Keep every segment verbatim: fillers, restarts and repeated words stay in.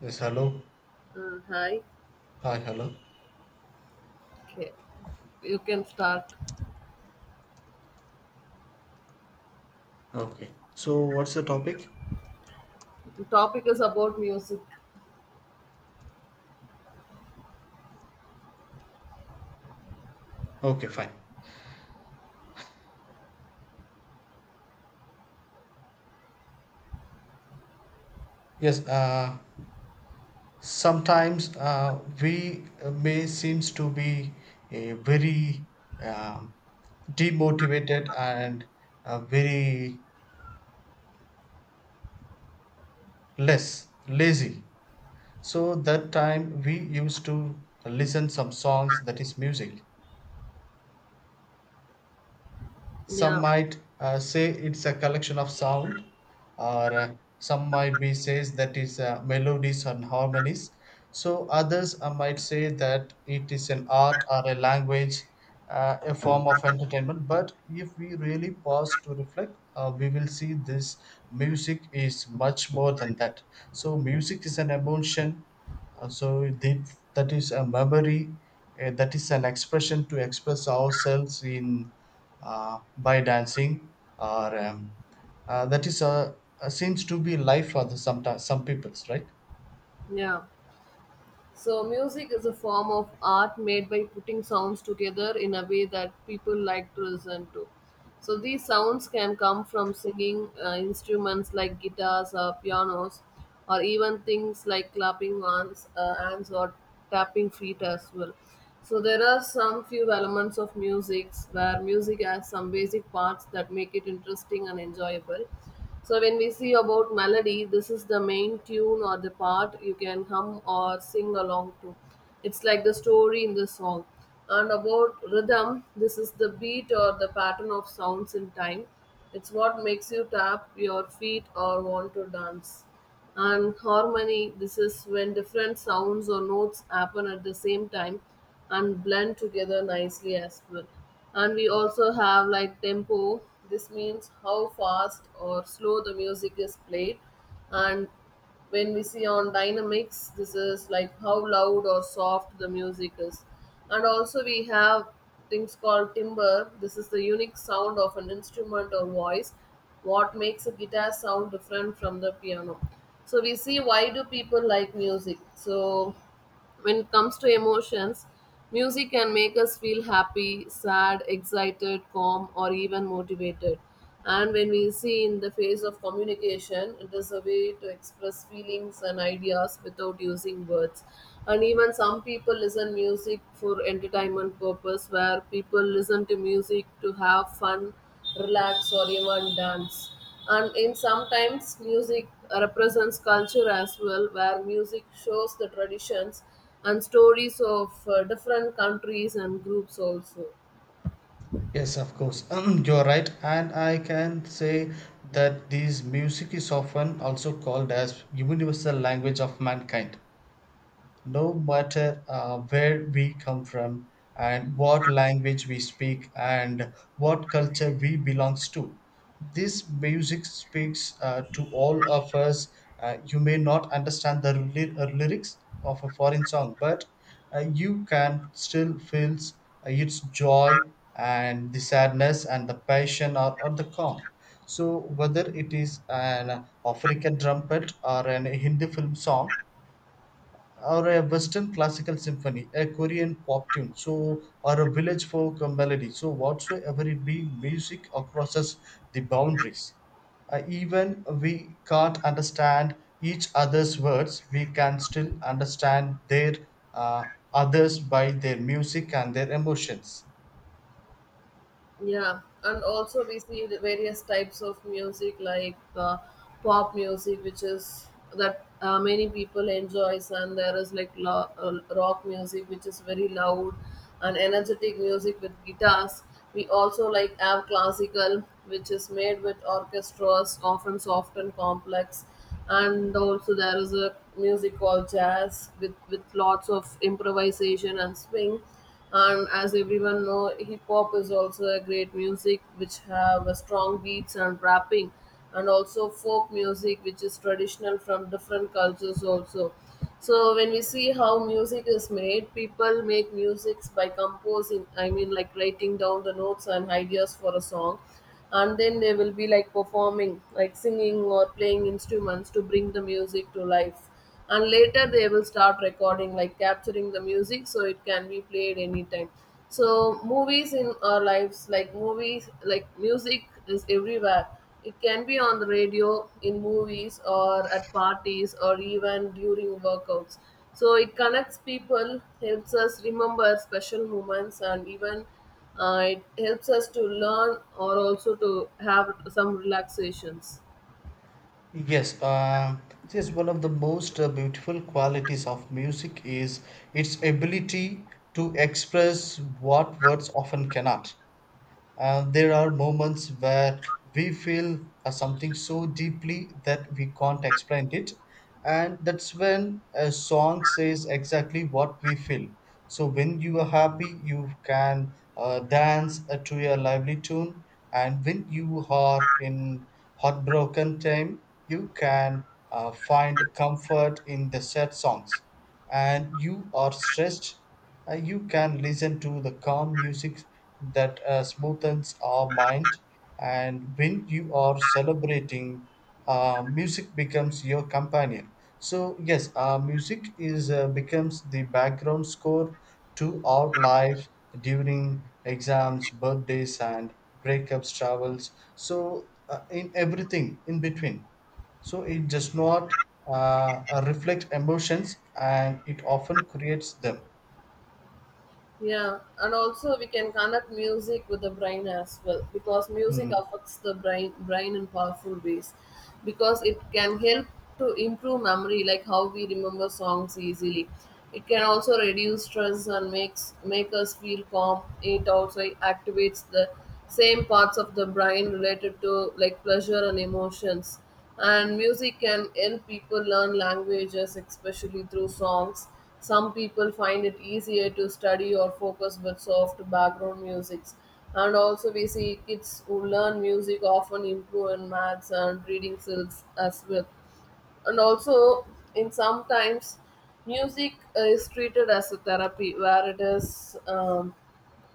Yes, hello. Uh, hi. Hi, hello. Okay, you can start. Okay. So, what's the topic? The topic is about music. Okay, fine. Yes, uh, sometimes uh, we may seems to be a very um, demotivated and uh, very less lazy. So that time we used to listen some songs that is music. Yeah, Some might uh, say it's a collection of sound, or uh, some might be says that is uh, melodies and harmonies. So others uh, might say that it is an art or a language, uh, a form of entertainment. But if we really pause to reflect, uh, we will see this music is much more than that. So music is an emotion, uh, so that, that is a memory, uh, that is an expression to express ourselves in, uh, by dancing or um, uh, that is a, a seems to be life for the some some peoples, right? yeah. So, music is a form of art made by putting sounds together in a way that people like to listen to. So, these sounds can come from singing uh, instruments like guitars or pianos, or even things like clapping hands, uh, hands or tapping feet as well. So, there are some few elements of music where music has some basic parts that make it interesting and enjoyable, so when we see about melody, this is the main tune or the part you can hum or sing along to. It's like the story in the song. And about rhythm, this is the beat or the pattern of sounds in time. It's what makes you tap your feet or want to dance. And harmony, this is when different sounds or notes happen at the same time and blend together nicely as well. And we also have like tempo, this means how fast or slow the music is played, and when we see on dynamics, this is like how loud or soft the music is, and also we have things called timbre, this is the unique sound of an instrument or voice, what makes a guitar sound different from the piano. So we see why do people like music. So when it comes to emotions, music can make us feel happy, sad, excited, calm, or even motivated. And when we see in the face of communication, it is a way to express feelings and ideas without using words. And even some people listen music for entertainment purpose, where people listen to music to have fun, relax, or even dance. And in sometimes music represents culture as well, where music shows the traditions and stories of uh, different countries and groups also. Yes, of course, you're right, and I can say that this music is often also called as universal language of mankind. No matter uh, where we come from, and what language we speak, and what culture we belongs to, this music speaks uh, to all of us. Uh, you may not understand the ly- uh, lyrics of a foreign song, but uh, you can still feel uh, its joy, and the sadness, and the passion, or, or the calm. So whether it is an African trumpet or an Hindi film song, or a Western classical symphony, a Korean pop tune, so, or a village folk melody, so whatsoever it be, music crosses the boundaries. Uh, even we can't understand each other's words, we can still understand their uh, others by their music and their emotions. Yeah, and also we see the various types of music like uh, pop music, which is that uh, many people enjoys, and there is like lo- uh, rock music, which is very loud, and energetic music with guitars. We also like have classical, which is made with orchestras, often soft and complex, and also there is a music called jazz with with lots of improvisation and swing. And as everyone know, hip hop is also a great music which have a strong beats and rapping, and also folk music which is traditional from different cultures also. So when we see how music is made, people make musics by composing. I mean, like writing down the notes and ideas for a song, and then they will be like performing, like singing or playing instruments to bring the music to life, and later they will start recording, like capturing the music so it can be played anytime. So movies in our lives, like movies, like music is everywhere. It can be on the radio, in movies, or at parties, or even during workouts. So it connects people, helps us remember special moments, and even uh, it helps us to learn or also to have some relaxations. Yes, uh, yes, one of the most uh, beautiful qualities of music is its ability to express what words often cannot. Uh, there are moments where we feel uh, something so deeply that we can't explain it, and that's when a song says exactly what we feel. So, when you are happy, you can uh, dance uh, to a lively tune, and when you are in heartbroken time, you can uh, find comfort in the sad songs, and you are stressed, uh, you can listen to the calm music that uh, smoothens our mind. And when you are celebrating, uh, music becomes your companion. So yes, uh, music is, uh, becomes the background score to our life during exams, birthdays, and breakups, travels. So uh, in everything in between. So it does not uh, uh, reflect emotions, and it often creates them. Yeah, and also we can connect music with the brain as well, because music Hmm. affects the brain brain in powerful ways, because it can help to improve memory, like how we remember songs easily. It can also reduce stress and makes make us feel calm. It also activates the same parts of the brain related to like pleasure and emotions. And music can help people learn languages, especially through songs. Some people find it easier to study or focus with soft background musics. And also, we see kids who learn music often improve in maths and reading skills as well. And also, in sometimes, music is treated as a therapy where it is. Um,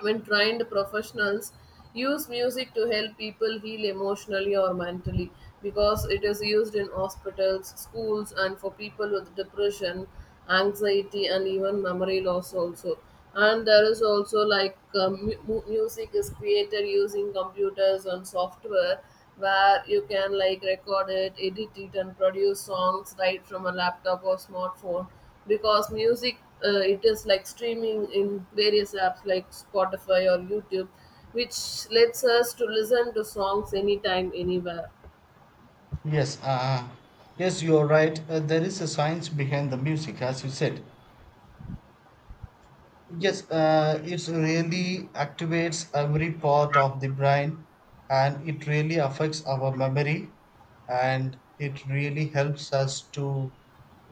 When trained professionals use music to help people heal emotionally or mentally, because it is used in hospitals, schools, and for people with depression, anxiety, and even memory loss also. And there is also like um, mu- mu- music is created using computers and software, where you can like record it, edit it, and produce songs right from a laptop or smartphone. Because music, uh, it is like streaming in various apps like Spotify or YouTube, which lets us to listen to songs anytime, anywhere. Yes, uh, yes, you are right. Uh, there is a science behind the music, as you said. Yes, uh, it really activates every part of the brain, and it really affects our memory, and it really helps us to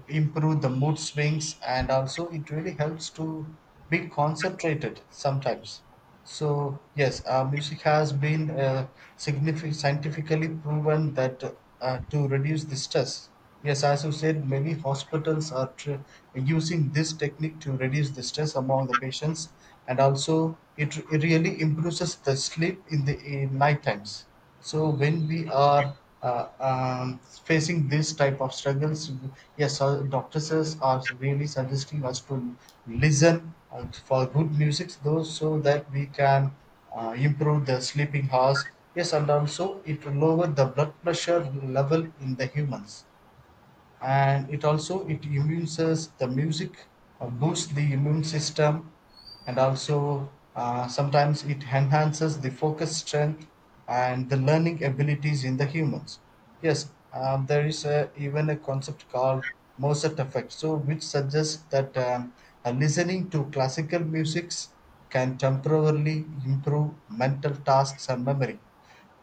improve the mood swings, and also it really helps to be concentrated sometimes. So yes, uh, music has been uh, significant scientifically proven that uh, to reduce the stress. Yes, as you said, many hospitals are tr- using this technique to reduce the stress among the patients, and also it, it really improves the sleep in the in night times. So when we are uh, um, facing this type of struggles, yes, uh, doctors are really suggesting us to listen uh, for good music though, so that we can uh, improve the sleeping hours. Yes, and also it will lower the blood pressure level in the humans. And it also, it immunises the music, uh, boosts the immune system. And also uh, sometimes it enhances the focus strength and the learning abilities in the humans. Yes, um, there is a, even a concept called Mozart effect, so which suggests that um, uh, listening to classical musics can temporarily improve mental tasks and memory.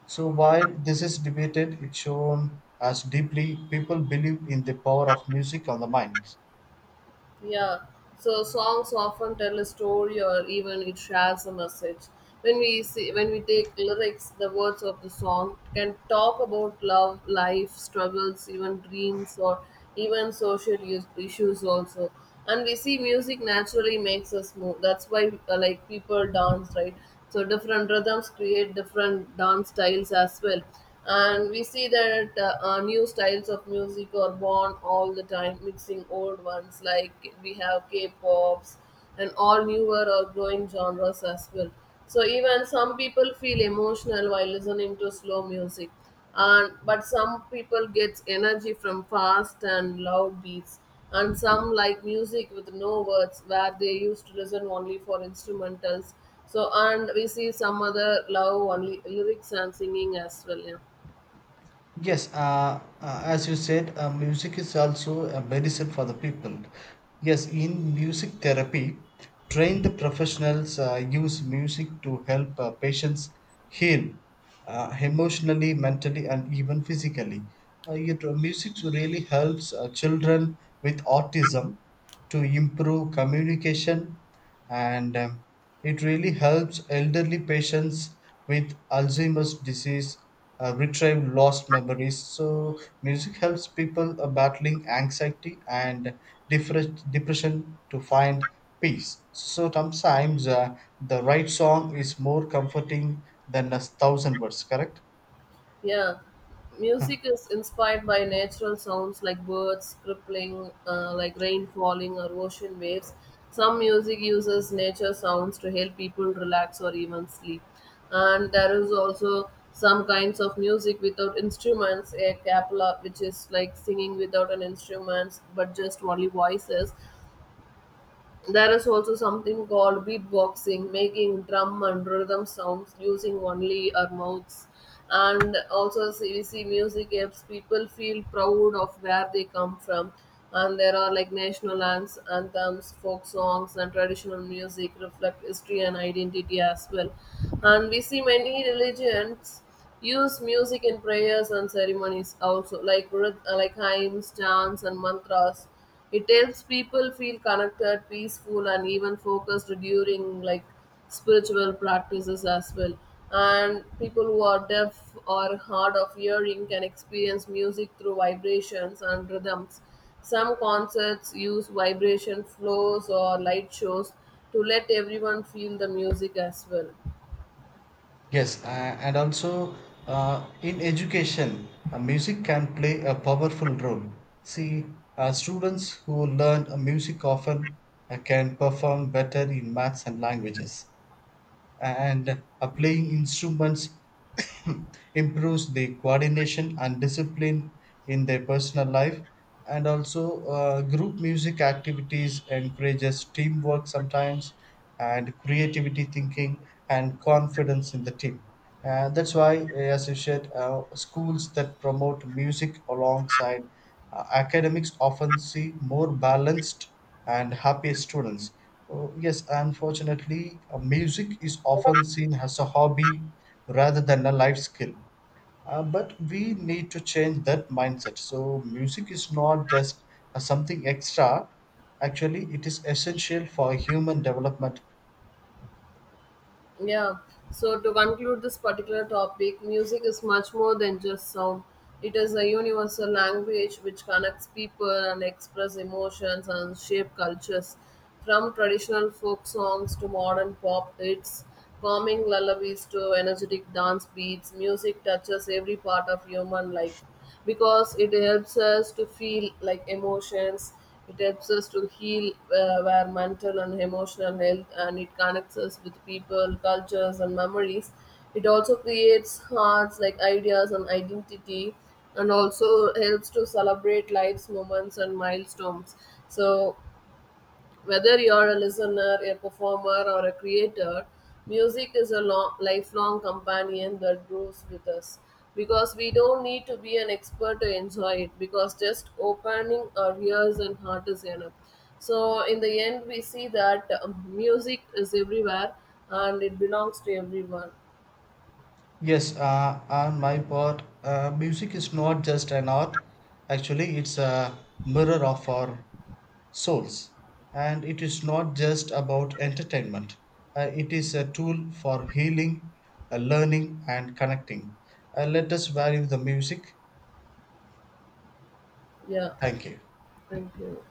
So while this is debated, it's shown as deeply people believe in the power of music on the mind. Yeah, so songs often tell a story or even it shares a message. When we see, when we take lyrics, the words of the song can talk about love, life, struggles, even dreams, or even social is- issues also. And we see music naturally makes us move. That's why uh, like people dance, right? So different rhythms create different dance styles as well. And we see that uh, uh, new styles of music are born all the time, mixing old ones, like we have k-pops and all newer or growing genres as well. So even some people feel emotional while listening to slow music, and but some people get energy from fast and loud beats, and some like music with no words, where they used to listen only for instrumentals. So and we see some other love only lyrics and singing as well, yeah. Yes, uh, uh, as you said, uh, music is also a medicine for the people. Yes, in music therapy, trained professionals uh, use music to help uh, patients heal uh, emotionally, mentally, and even physically. Uh, it, uh, music really helps uh, children with autism to improve communication, and um, it really helps elderly patients with Alzheimer's disease uh, retrieve lost memories. So, music helps people uh, battling anxiety and different depression to find peace. So, sometimes uh, the right song is more comforting than a thousand words, correct? Yeah, music is inspired by natural sounds like birds crippling, uh, like rain falling, or ocean waves. Some music uses nature sounds to help people relax or even sleep. And there is also some kinds of music without instruments, a cappella, which is like singing without an instrument but just only voices. There is also something called beatboxing, making drum and rhythm sounds using only our mouths. And also, C V C music helps people feel proud of where they come from. And there are like national ans- anthems, folk songs, and traditional music reflect history and identity as well. And we see many religions use music in prayers and ceremonies also, like rhyth- uh, like hymns, chants, and mantras. It helps people feel connected, peaceful, and even focused during like spiritual practices as well. And people who are deaf or hard of hearing can experience music through vibrations and rhythms. Some concerts use vibration floors or light shows to let everyone feel the music as well. Yes, a- and also uh, in education, uh, music can play a powerful role. See, uh, students who learn uh, music often uh, can perform better in maths and languages, and uh, playing instruments improves the coordination and discipline in their personal life. And also uh, group music activities encourages teamwork sometimes, and creativity thinking and confidence in the team. Uh, that's why, uh, as you said, uh, schools that promote music alongside uh, academics often see more balanced and happy students. Oh, yes, unfortunately, uh, music is often seen as a hobby rather than a life skill. Uh, but we need to change that mindset. So, music is not just uh, something extra, actually, it is essential for human development. Yeah. So to conclude this particular topic, music is much more than just sound. It is a universal language which connects people and express emotions and shape cultures. From traditional folk songs to modern pop hits, calming lullabies to energetic dance beats, music touches every part of human life, because it helps us to feel like emotions, it helps us to heal uh, our mental and emotional health, and it connects us with people, cultures, and memories. It also creates hearts like ideas and identity, and also helps to celebrate life's moments and milestones. So whether you're a listener, a performer, or a creator, music is a long, lifelong companion that grows with us. Because we don't need to be an expert to enjoy it, because just opening our ears and heart is enough. So, in the end, we see that um, music is everywhere and it belongs to everyone. Yes, uh, on my part, uh, music is not just an art. Actually, it's a mirror of our souls. And it is not just about entertainment. Uh, it is a tool for healing, uh, learning, and connecting. Uh, let us value the music. Yeah, Thank you. thank you.